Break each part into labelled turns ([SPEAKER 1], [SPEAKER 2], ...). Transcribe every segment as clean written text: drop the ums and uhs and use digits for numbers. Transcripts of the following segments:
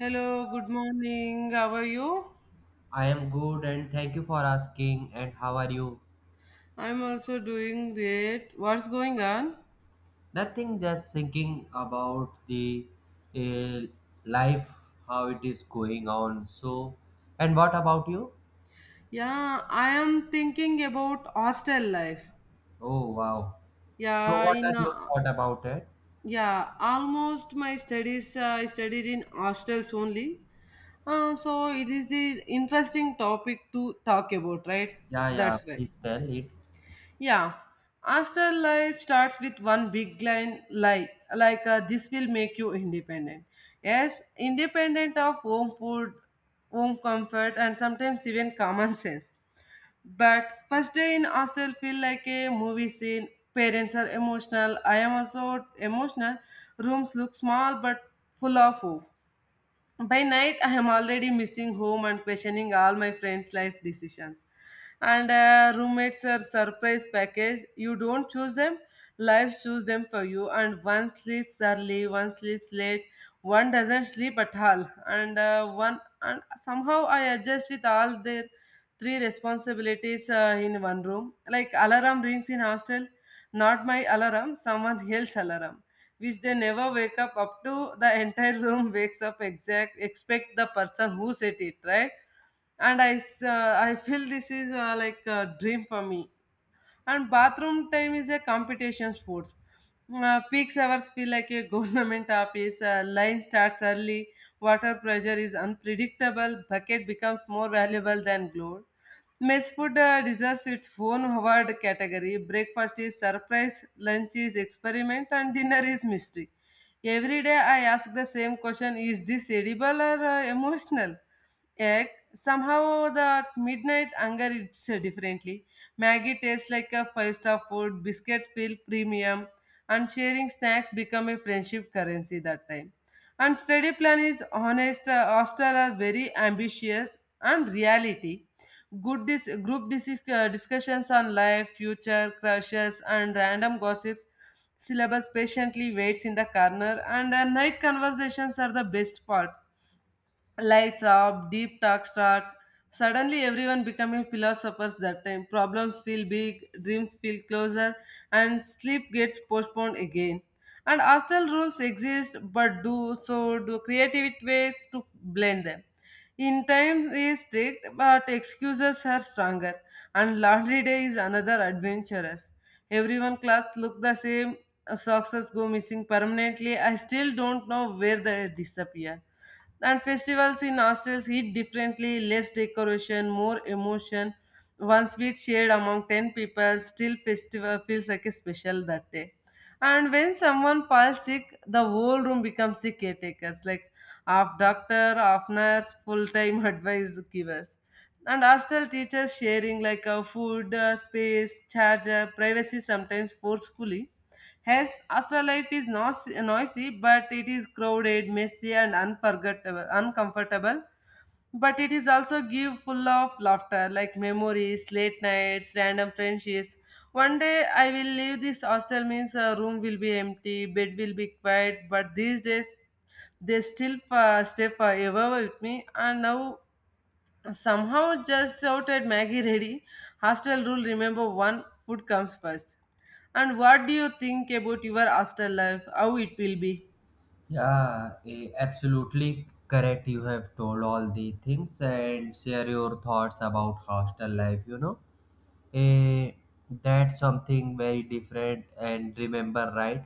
[SPEAKER 1] Hello, good morning. How are you?
[SPEAKER 2] I am good and thank you for asking. And how are you?
[SPEAKER 1] I'm also doing great. What's going on?
[SPEAKER 2] Nothing, just thinking about the uh, life, how it is going on. So, and what about you?
[SPEAKER 1] Yeah, I am thinking about hostel life.
[SPEAKER 2] Oh, wow. So,
[SPEAKER 1] Yeah,
[SPEAKER 2] what are
[SPEAKER 1] in
[SPEAKER 2] your thoughts about it?
[SPEAKER 1] yeah, almost my studies I studied in hostels only. So it is the interesting topic to talk about, right?
[SPEAKER 2] Yeah, yeah,
[SPEAKER 1] That's why.
[SPEAKER 2] please tell it.
[SPEAKER 1] Yeah, hostel life starts with one big line like this will make you independent. Yes, independent of home food, home comfort, and sometimes even common sense. But first day in hostel feel like a movie scene. Parents are emotional. I am also emotional. Rooms look small but full of hope. By night, I am already missing home and questioning all my friends' life decisions. And roommates are surprise package. You don't choose them, life choose them for you. And one sleeps early, one sleeps late, one doesn't sleep at all. And somehow I adjust with all their three responsibilities in one room. Like alarm rings in hostel, not my alarm, someone else alarm which they never wake up to the entire room wakes up exact expect the person who said it, right. And I feel this is like a dream for me. And bathroom time is a competition sports. Peak hours feel like a government office. Line starts early. Water pressure is unpredictable. Bucket becomes more valuable than gold. Mess food deserves its own award category. Breakfast is surprise, lunch is experiment, and dinner is mystery. Every day I ask the same question, is this edible or emotional? Yet somehow the midnight hunger eats differently. Maggie tastes like a five-star food, biscuits feel premium, and sharing snacks become a friendship currency that time. And study plan is honest, hostel are very ambitious and reality. Good dis- group dis- Discussions on life, future, crushes, and random gossips. Syllabus patiently waits in the corner, and night conversations are the best part, lights up, deep talk start. Suddenly, everyone becoming philosophers that time. Problems feel big, dreams feel closer, and sleep gets postponed again. And hostile rules exist, but do so do creative ways to blend them. In time is strict, but excuses are stronger. And laundry day is another adventurous. Everyone class look the same. Socks go missing permanently. I still don't know where they disappear. And festivals in hostels hit differently, less decoration, more emotion. One sweet shared among 10 people, still festival feels like a special that day. And when someone falls sick, the whole room becomes the caretakers, like half doctor, half nurse, full-time advice givers. And hostel teachers sharing like a food, space, charger, privacy sometimes forcefully. Yes, astral life is not noisy, but it is crowded, messy, and unforgettable, uncomfortable. But it is also give full of laughter, like memories, late nights, random friendships. One day I will leave this hostel means a room will be empty, bed will be quiet. But these days, they still stay forever with me, and now somehow just shouted Maggie ready. Hostel rule, remember one food comes first. And what do you think about your hostel life? How it will be?
[SPEAKER 2] Yeah, absolutely correct. You have told all the things and share your thoughts about hostel life, you know. Eh, that's something very different and remember right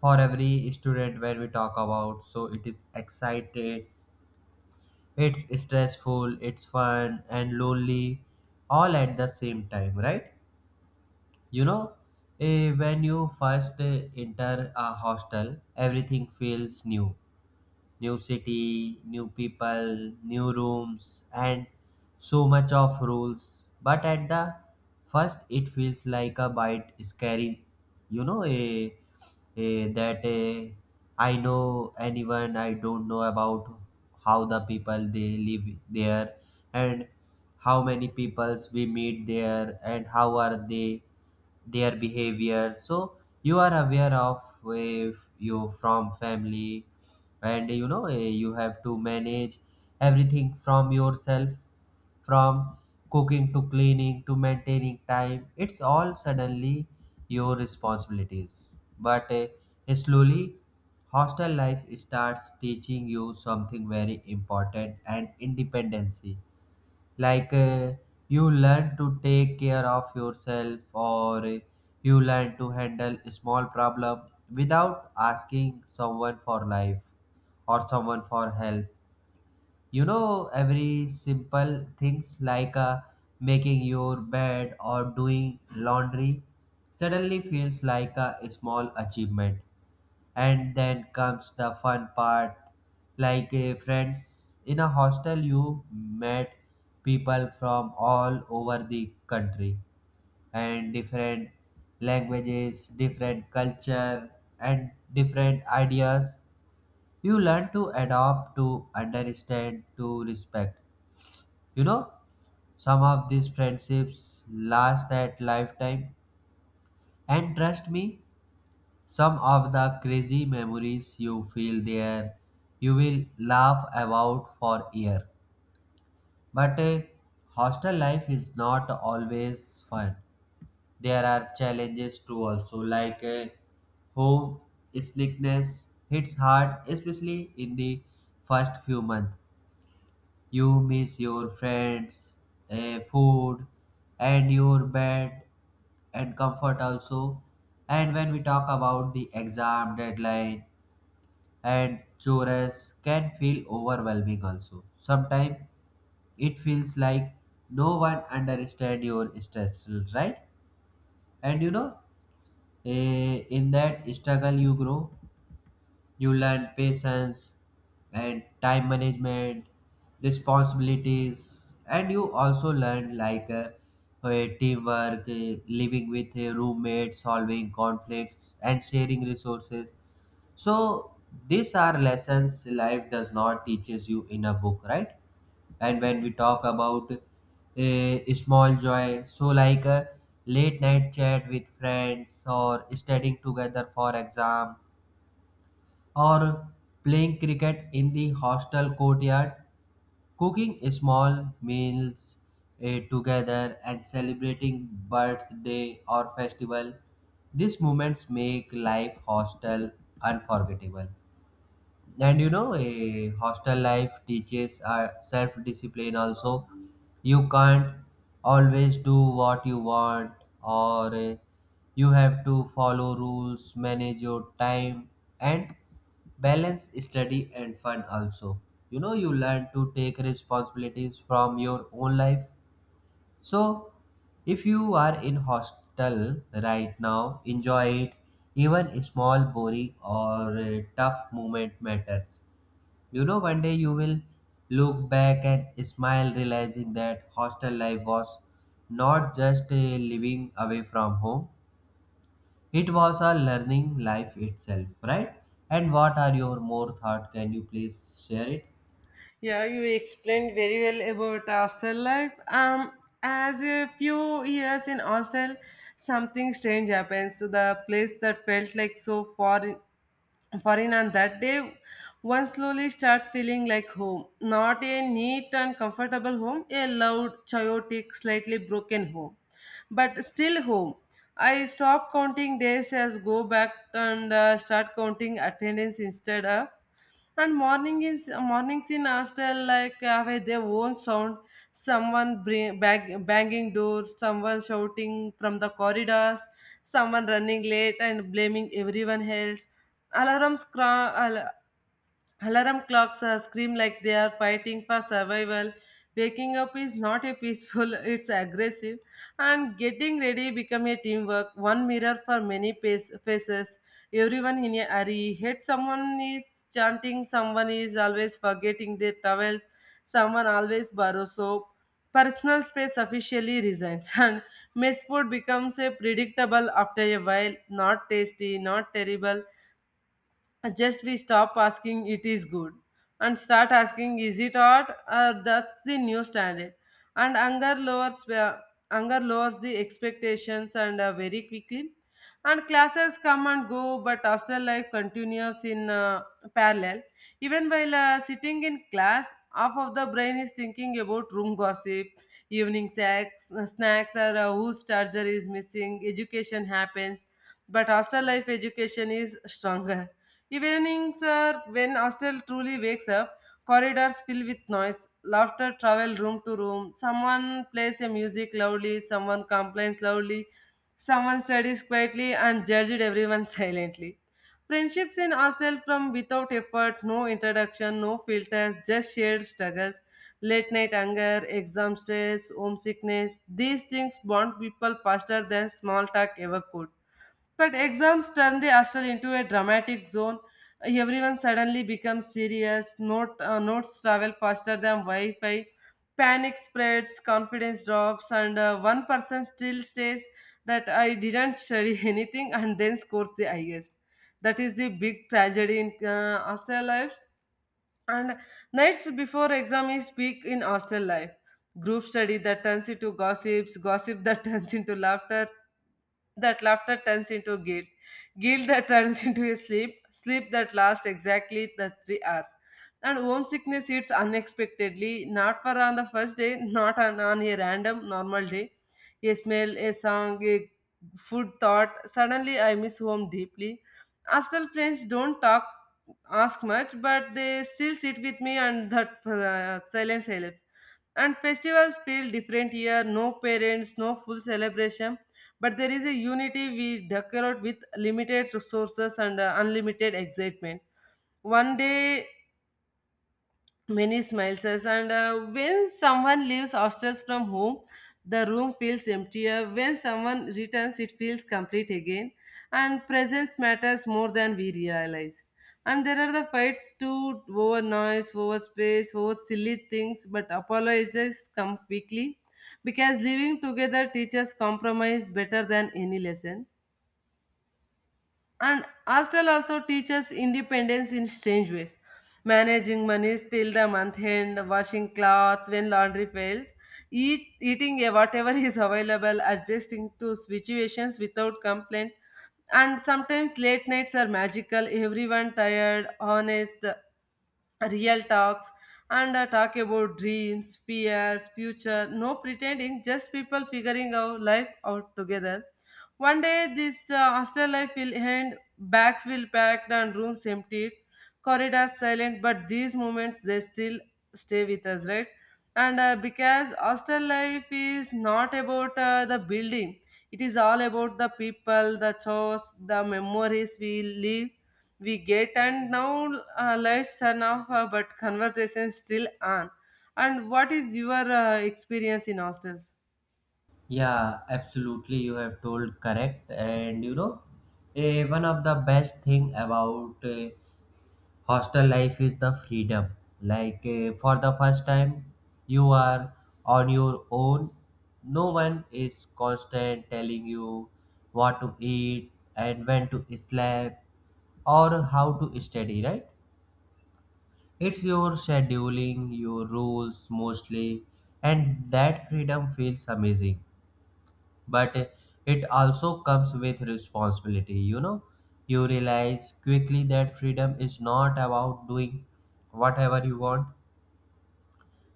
[SPEAKER 2] for every student when we talk about so it is excited, it's stressful, it's fun and lonely, all at the same time, right? You know, when you first enter a hostel everything feels new, new city, new people, new rooms, and so much of rules. But at the first, it feels like a bite scary, you know, a, that a, I know anyone, I don't know about how the people they live there, and how many peoples we meet there and how are they their behavior, so you are aware of if you from family. And you know, you have to manage everything from yourself, from cooking to cleaning to maintaining time, it's all suddenly your responsibilities. But slowly hostel life starts teaching you something very important and independency. Like you learn to take care of yourself, or you learn to handle a small problem without asking someone for life or someone for help. You know, every simple things like making your bed or doing laundry suddenly feels like a small achievement. And then comes the fun part, like friends in a hostel. You met people from all over the country, and different languages, different culture, and different ideas. You learn to adopt, to understand, to respect, you know. Some of these friendships last at lifetime, and trust me, some of the crazy memories you feel there, you will laugh about for year. But hostel life is not always fun, there are challenges too also, like home sickness hits hard, especially in the first few months. You miss your friends, food, and your bed and comfort also. And when we talk about the exam deadline and chores, can feel overwhelming also. Sometimes it feels like no one understand your stress, right? And you know, in that struggle you grow. You learn patience and time management, responsibilities, and you also learn like teamwork, living with a roommate, solving conflicts, and sharing resources. So these are lessons life does not teaches you in a book, right? And when we talk about a small joy, so like a late night chat with friends, or studying together for exam, or playing cricket in the hostel courtyard, cooking small meals together, and celebrating birthday or festival. These moments make life hostel unforgettable. And you know, a hostel life teaches self-discipline also. You can't always do what you want, or you have to follow rules, manage your time, and balance study and fun also. You know, you learn to take responsibilities from your own life. So if you are in hostel right now, enjoy it. Even small boring or tough moment matters. You know, one day you will look back and smile, realizing that hostel life was not just a living away from home, it was a learning life itself, right? And what are your more thought? Can you please share it?
[SPEAKER 1] Yeah, you explained very well about hostel life. As a few years in hostel, something strange happens. So the place that felt like so foreign on that day, one slowly starts feeling like home. Not a neat and comfortable home, a loud, chaotic, slightly broken home, but still home. I stop counting days as go back and start counting attendance instead. Of and mornings in hostel have a their own sound. Someone banging doors, someone shouting from the corridors, someone running late and blaming everyone else. Alarms cra- al- Alarm clocks scream like they are fighting for survival. Waking up is not a peaceful, it's aggressive. And getting ready become a teamwork, one mirror for many faces. Everyone in a hurry. Hate someone is chanting, someone is always forgetting their towels, someone always borrows soap. Personal space officially resigns, and mess food becomes a predictable after a while. Not tasty, not terrible, just we stop asking it is good and start asking is it hot. That's the new standard. And anger lowers the expectations and very quickly. And classes come and go, but hostel life continues in parallel. Even while sitting in class, half of the brain is thinking about room gossip, evening sex, snacks, or whose charger is missing. Education happens, but hostel life education is stronger. Evenings are when hostel truly wakes up, corridors fill with noise, laughter travel room to room, someone plays a music loudly, someone complains loudly, someone studies quietly and judged everyone silently. Friendships in hostel from without effort, no introduction, no filters, just shared struggles, late night anger, exam stress, homesickness. These things bond people faster than small talk ever could. But exams turn the hostel into a dramatic zone. Everyone suddenly becomes serious. Notes travel faster than Wi Fi. Panic spreads, confidence drops, and one person still says that I didn't study anything and then scores the highest. That is the big tragedy in astral life. And nights before exam is peak in hostel life. Group study that turns into gossips, gossip that turns into laughter, that laughter turns into guilt, guilt that turns into a sleep, sleep that lasts exactly the 3 hours. And homesickness hits unexpectedly, not for on the first day, not on a random normal day. A smell, a song, a food thought. Suddenly I miss home deeply. Hostel friends don't talk ask much, but they still sit with me, and that silence helps. And festivals feel different here, no parents, no full celebration, but there is a unity, we decorate with limited resources and unlimited excitement. One day many smiles says, and when someone leaves upstairs from home, the room feels emptier. When someone returns it feels complete again, and presence matters more than we realize. And there are the fights too, over noise, over space, over silly things, but apologies come quickly because living together teaches compromise better than any lesson. And Astel also teaches independence in strange ways. Managing money till the month end, washing clothes when laundry fails, eating whatever is available, adjusting to situations without complaint. And sometimes late nights are magical, everyone tired, honest, real talks and talk about dreams, fears, future. No pretending, just people figuring our life out together. One day, this hostel life will end, bags will packed and rooms emptied, corridors silent. But these moments they still stay with us, right? And because hostel life is not about the building, it is all about the people, the chores, the memories we live we get. And now let turn off, but conversation still on. And what is your experience in hostels?
[SPEAKER 2] Yeah, absolutely. You have told correct, and you know, one of the best thing about hostel life is the freedom. Like for the first time you are on your own, no one is constant telling you what to eat and when to sleep or how to study, right? It's your scheduling, your rules mostly, and that freedom feels amazing. But it also comes with responsibility, you know. You realize quickly that freedom is not about doing whatever you want,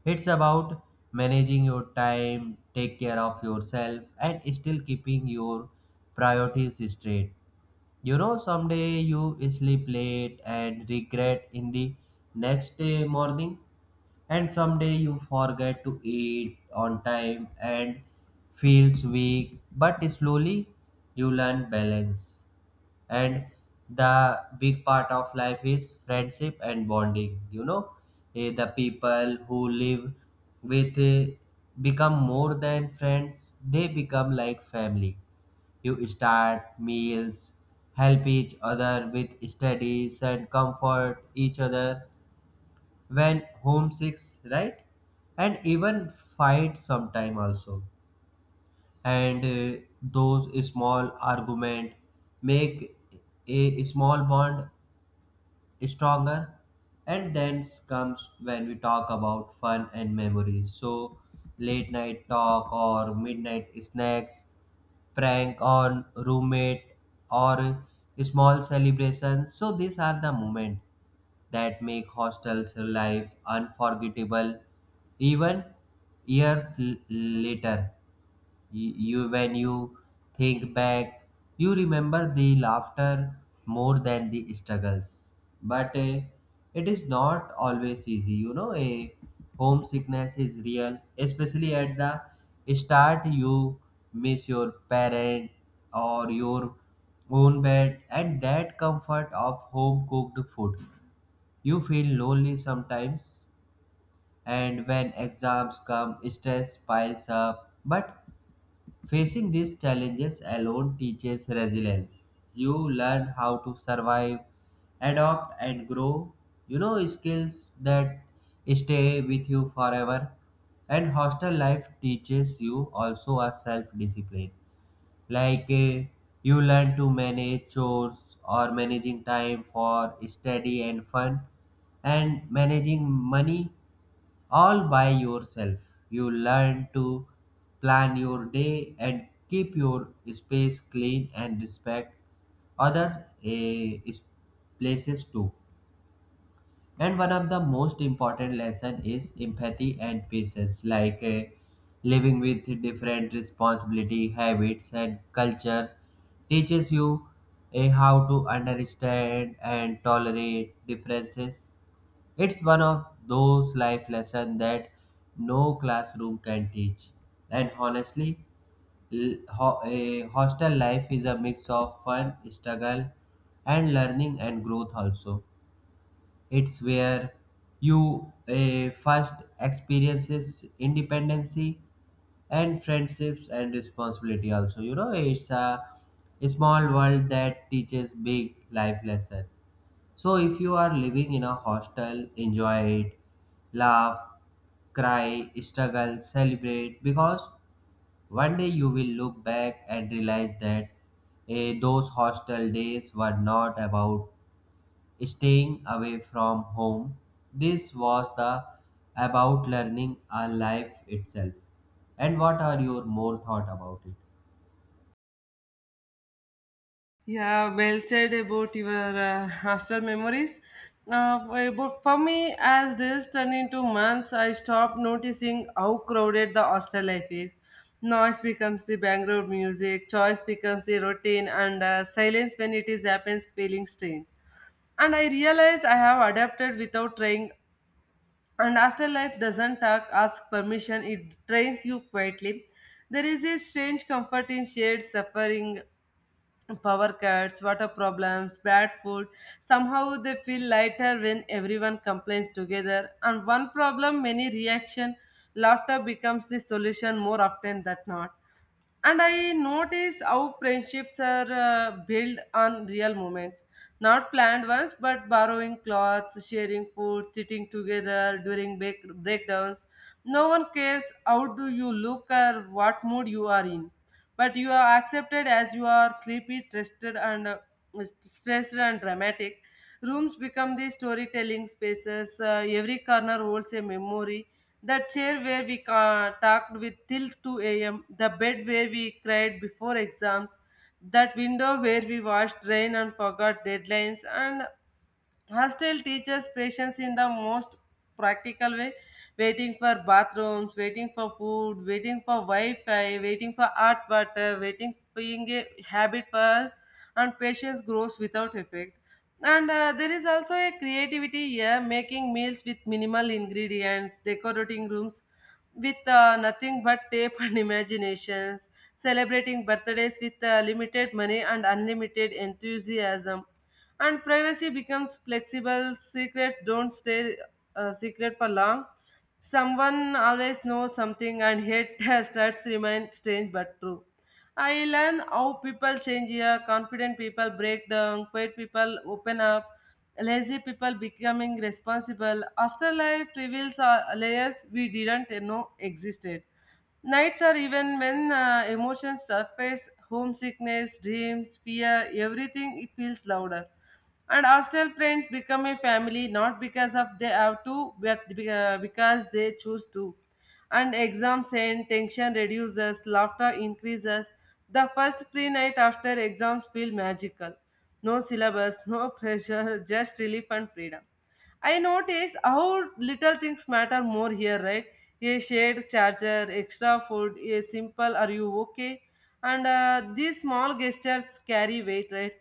[SPEAKER 2] it's about managing your time, take care of yourself, and still keeping your priorities straight. You know, someday you sleep late and regret in the next day morning, and someday you forget to eat on time and feels weak, but slowly you learn balance. And the big part of life is friendship and bonding, you know. The people who live with become more than friends, they become like family. You start meals, help each other with studies, and comfort each other when homesick, right? And even fight sometime also, and those small argument make a small bond stronger. And then comes when we talk about fun and memories, so late night talk or midnight snacks, prank on roommate, or small celebrations. So these are the moments that make hostels life unforgettable, even years later. You, when you think back, you remember the laughter more than the struggles. But it is not always easy, you know. A homesickness is real, especially at the start. You miss your parent or your own bed and that comfort of home cooked food. You feel lonely sometimes, and when exams come stress piles up. But facing these challenges alone teaches resilience. You learn how to survive, adopt, and grow. You know, skills that stay with you forever. And hostel life teaches you also a self discipline. Like you learn to manage chores, or managing time for study and fun, and managing money, all by yourself. You learn to plan your day and keep your space clean and respect other places too. And one of the most important lesson is empathy and patience, like living with different responsibility, habits, and cultures teaches you how to understand and tolerate differences. It's one of those life lessons that no classroom can teach. And honestly, a hostel life is a mix of fun, struggle, and learning and growth also. It's where you first experiences independency and friendships and responsibility also. You know, it's a small world that teaches big life lesson. So if you are living in a hostel, enjoy it, laugh, cry, struggle, celebrate, because one day you will look back and realize that those hostel days were not about staying away from home. This was the about learning a life itself. And what are your more thought about it?
[SPEAKER 1] Yeah, well said about your hostel memories. But for me, as days turned into months, I stopped noticing how crowded the hostel life is. Noise becomes the background music, choice becomes the routine, and silence, when it is happens, feeling strange. And I realize I have adapted without trying. And afterlife doesn't talk, ask permission, it trains you quietly. There is a strange comfort in shared suffering, power cuts, water problems, bad food. Somehow they feel lighter when everyone complains together. And one problem, many reaction. Laughter becomes the solution more often than not. And I notice how friendships are built on real moments, not planned ones, but borrowing clothes, sharing food, sitting together during breakdowns. No one cares how do you look or what mood you are in, but you are accepted as you are, sleepy, twisted, and stressed and dramatic. Rooms become the storytelling spaces. Every corner holds a memory. The chair where we talked with till 2 a.m., the bed where we cried before exams, that window where we watched rain and forgot deadlines. And hostel teaches patience in the most practical way, waiting for bathrooms, waiting for food, waiting for Wi-Fi, waiting for hot water, waiting being a habit first, and patience grows without effect. And there is also a creativity here, making meals with minimal ingredients, decorating rooms with nothing but tape and imaginations, celebrating birthdays with limited money and unlimited enthusiasm. And privacy becomes flexible, secrets don't stay secret for long. Someone always knows something, and hate starts, remain strange but true. I learn how people change here, confident people break down, quiet people open up, lazy people becoming responsible. Hostel life reveals layers we didn't know existed. Nights are even when emotions surface, homesickness, dreams, fear, everything it feels louder. And hostel friends become a family not because of they have to, but because they choose to. And exams end, tension reduces, laughter increases. The first free night after exams feel magical. No syllabus, no pressure, just relief and freedom. I notice how little things matter more here, right? A shared charger, extra food, a simple "Are you okay?" And these small gestures carry weight, right?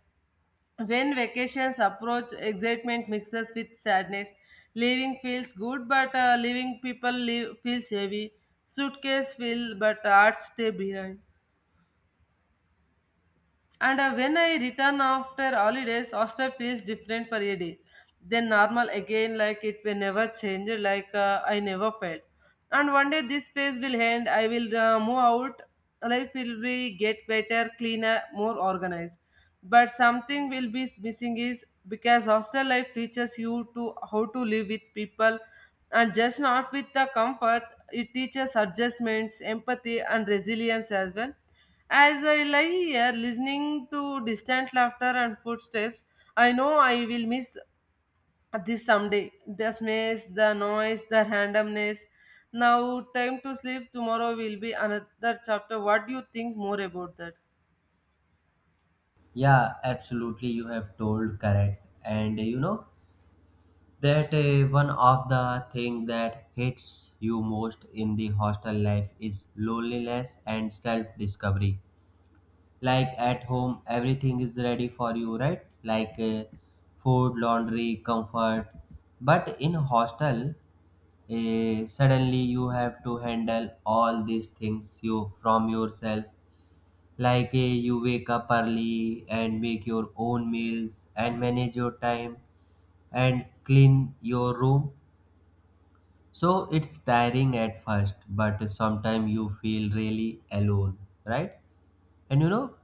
[SPEAKER 1] When vacations approach, excitement mixes with sadness. Leaving feels good, but leaving people leave feels heavy. Suitcase fill, but art stay behind. And when I return after holidays, hostel feels different for a day. Then normal again, like it will never change, I never felt. And one day this phase will end. I will move out. Life will be get better, cleaner, more organized. But something will be missing is because hostel life teaches you to how to live with people, and just not with the comfort. It teaches adjustments, empathy, and resilience as well as I lie here listening to distant laughter and footsteps, I know I will miss this someday. The smells, the noise, the randomness. Now, time to sleep. Tomorrow will be another chapter. What do you think more about that?
[SPEAKER 2] Yeah, absolutely. You have told correct. And you know that one of the thing that hits you most in the hostel life is loneliness and self discovery. Like at home everything is ready for you, right? Like food, laundry, comfort, but in hostel suddenly you have to handle all these things you from yourself. Like you wake up early and make your own meals and manage your time and clean your room. So it's tiring at first, but sometimes you feel really alone, right? And you know,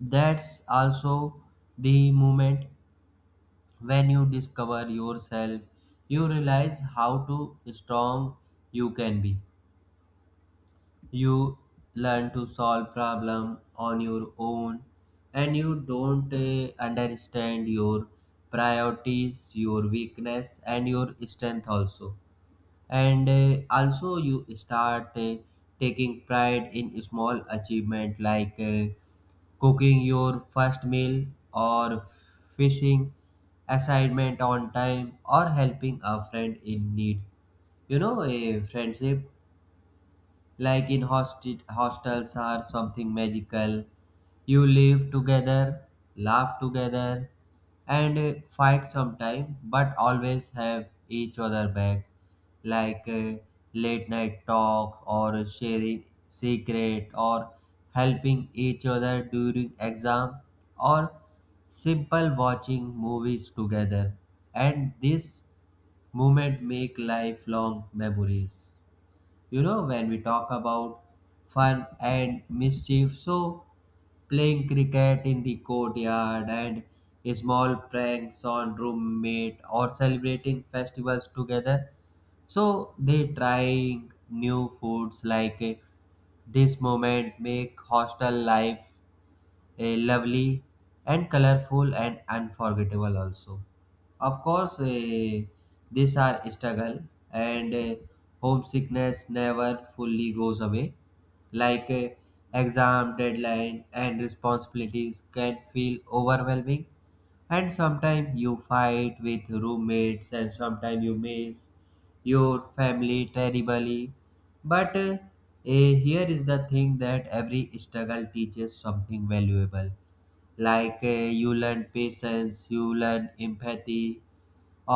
[SPEAKER 2] that's also the moment when you discover yourself. You realize how to strong you can be. You learn to solve problem on your own, and you don't understand your priorities, your weakness and your strength also. And also you start taking pride in small achievement, like cooking your first meal, or fishing assignment on time, or helping a friend in need. You know, a friendship like in hostels or something magical. You live together, laugh together, and fight sometime, but always have each other back, like late night talk or sharing secret or helping each other during exam, or simple watching movies together. And this moment make lifelong memories. You know, when we talk about fun and mischief, so playing cricket in the courtyard, and small pranks on roommate, or celebrating festivals together, so they trying new foods like this moment make hostel life lovely and colorful and unforgettable also. Of course, these are struggle, and homesickness never fully goes away. Like exam deadline and responsibilities can feel overwhelming, and sometimes you fight with roommates and sometimes you miss your family terribly. But here is the thing that every struggle teaches something valuable. Like you learn patience, you learn empathy,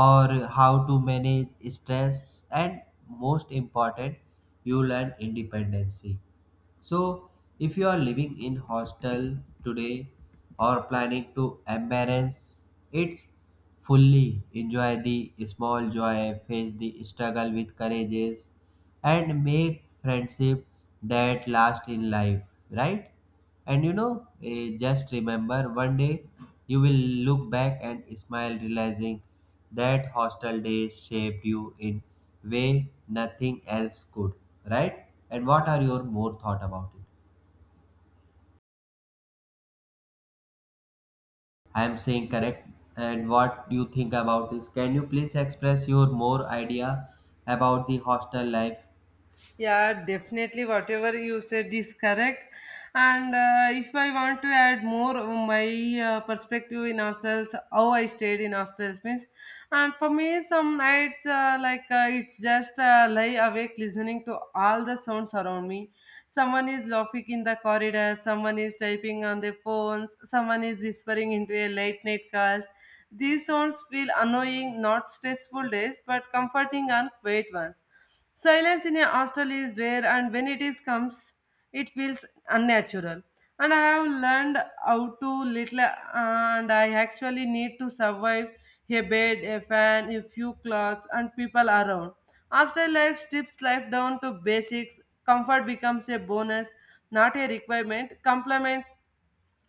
[SPEAKER 2] or how to manage stress, and most important, you learn independency. So if you are living in hostel today or planning to embarrass it's fully, enjoy the small joy, face the struggle with courageous, and make friendship that last in life, right? And you know, just remember, one day you will look back and smile, realizing that hostel days shaped you in way nothing else could, right? And what are your more thought about it? I am saying correct. And what you think about this? Can you please express your more idea about the hostel life?
[SPEAKER 1] Yeah, definitely. Whatever you said is correct. And if I want to add more of my perspective in hostels, how I stayed in hostels means, and for me, some nights like it's just lie awake listening to all the sounds around me. Someone is laughing in the corridor, someone is typing on their phones, someone is whispering into a late night cast. These sounds feel annoying, not stressful days, but comforting and quiet ones. Silence in a hostel is rare, and when it is comes, it feels unnatural. And I have learned how to little, and I actually need to survive a bed, a fan, a few clothes, and people around. Hostel life strips life down to basics. Comfort becomes a bonus, not a requirement. Compliments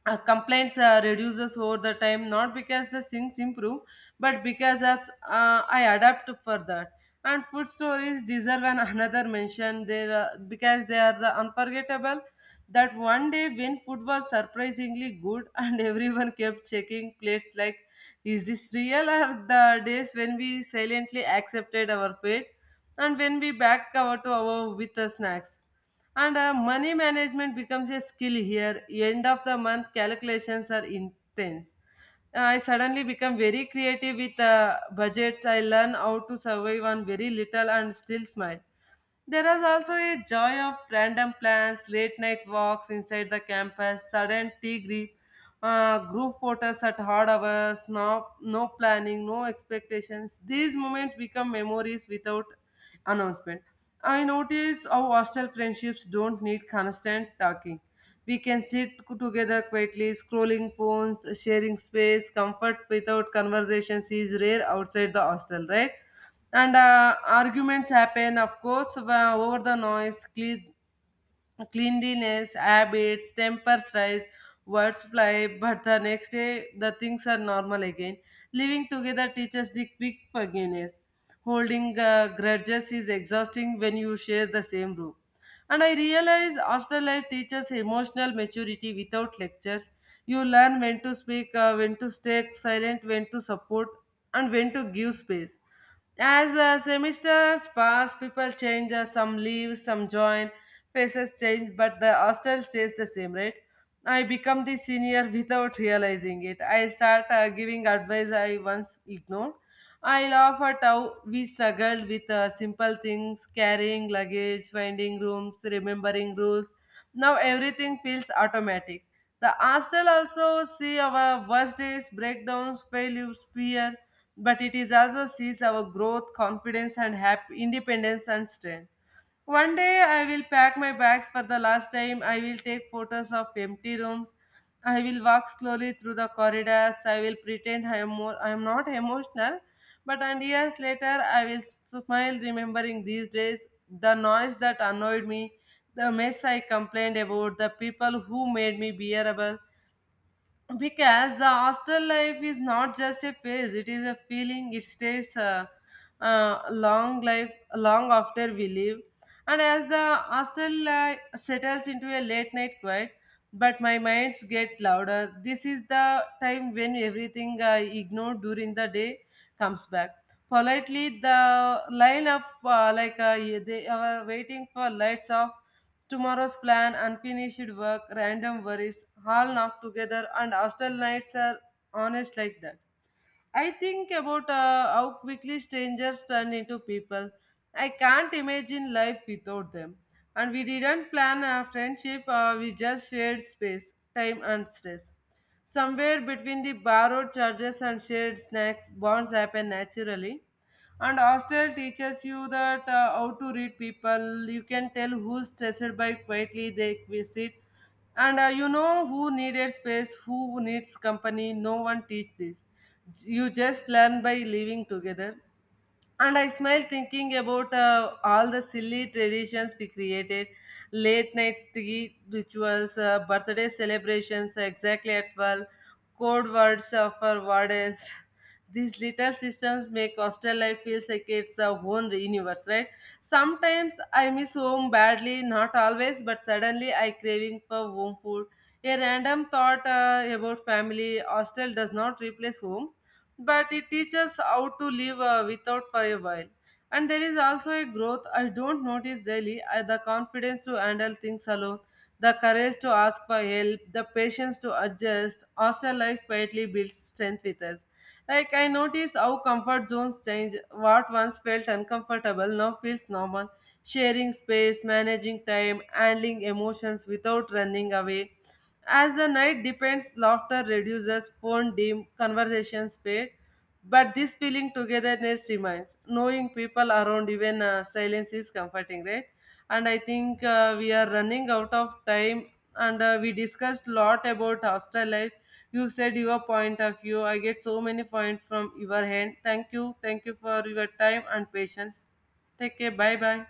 [SPEAKER 1] complaints reduces over the time not because the things improve, but because apps, I adapt for that. And food stories deserve an another mention there because they are the unforgettable, that one day when food was surprisingly good and everyone kept checking plates like is this real, or the days when we silently accepted our fate and when we back cover to our with the snacks. And money management becomes a skill here. End of the month calculations are intense. I suddenly become very creative with budgets. I learn how to survive on very little and still smile. There is also a joy of random plans, late night walks inside the campus, sudden tea grief, group photos at hard hours, no, no planning, no expectations. These moments become memories without announcement. I notice how hostel friendships don't need constant talking. We can sit together quietly, scrolling phones, sharing space. Comfort without conversations is rare outside the hostel, right? And arguments happen, of course, over the noise clean, cleanliness habits, tempers rise, words fly, but the next day the things are normal again. Living together teaches the quick forgiveness, holding grudges is exhausting when you share the same room. And I realize hostel life teaches emotional maturity without lectures. You learn when to speak, when to stay silent, when to support and when to give space. As the semesters pass, people change, some leave, some join, faces change, but the hostel stays the same, right? I become the senior without realizing it. I start giving advice I once ignored. I laugh at how we struggled with simple things, carrying luggage, finding rooms, remembering rules. Now everything feels automatic. The astral also see our worst days, breakdowns, failures, fear, but it is also sees our growth, confidence, and happy independence and strength. One day I will pack my bags for the last time. I will take photos of empty rooms. I will walk slowly through the corridors. I will pretend I am not emotional. But and years later, I will smile remembering these days, the noise that annoyed me, the mess I complained about, the people who made me bearable, because the hostel life is not just a phase, it is a feeling, it stays long life long after we leave. And as the hostel life settles into a late night quiet, but my minds get louder, this is the time when everything I ignored during the day comes back. Politely, the lineup they are waiting for lights of tomorrow's plan, unfinished work, random worries, all knocked together, and hostel nights are honest like that. I think about how quickly strangers turn into people. I can't imagine life without them. And we didn't plan a friendship, we just shared space, time, and stress. Somewhere between the borrowed charges and shared snacks, bonds happen naturally. And hostel teaches you that, how to read people. You can tell who's stressed by quietly they visit. And you know who needed space, who needs company. No one teach this, you just learn by living together. And I smile thinking about all the silly traditions we created, late night tea rituals, birthday celebrations exactly at 12, code words for wardens. These little systems make hostel life feels like it's a own universe, right? Sometimes I miss home badly, not always, but suddenly I craving for home food, a random thought about family. Hostel does not replace home, but it teaches how to live without for a while. And there is also a growth I don't notice daily, the confidence to handle things alone, the courage to ask for help, the patience to adjust. Hostel life quietly builds strength with us. Like I notice how comfort zones change. What once felt uncomfortable now feels normal. Sharing space, managing time, handling emotions without running away. As the night depends, laughter reduces, phone dim, conversations fade, but this feeling togetherness remains. Knowing people around, even silence is comforting, right? And I think we are running out of time, and we discussed lot about hostel life. You said your point of view. I get so many points from your hand. Thank you for your time and patience. Take care. Bye bye.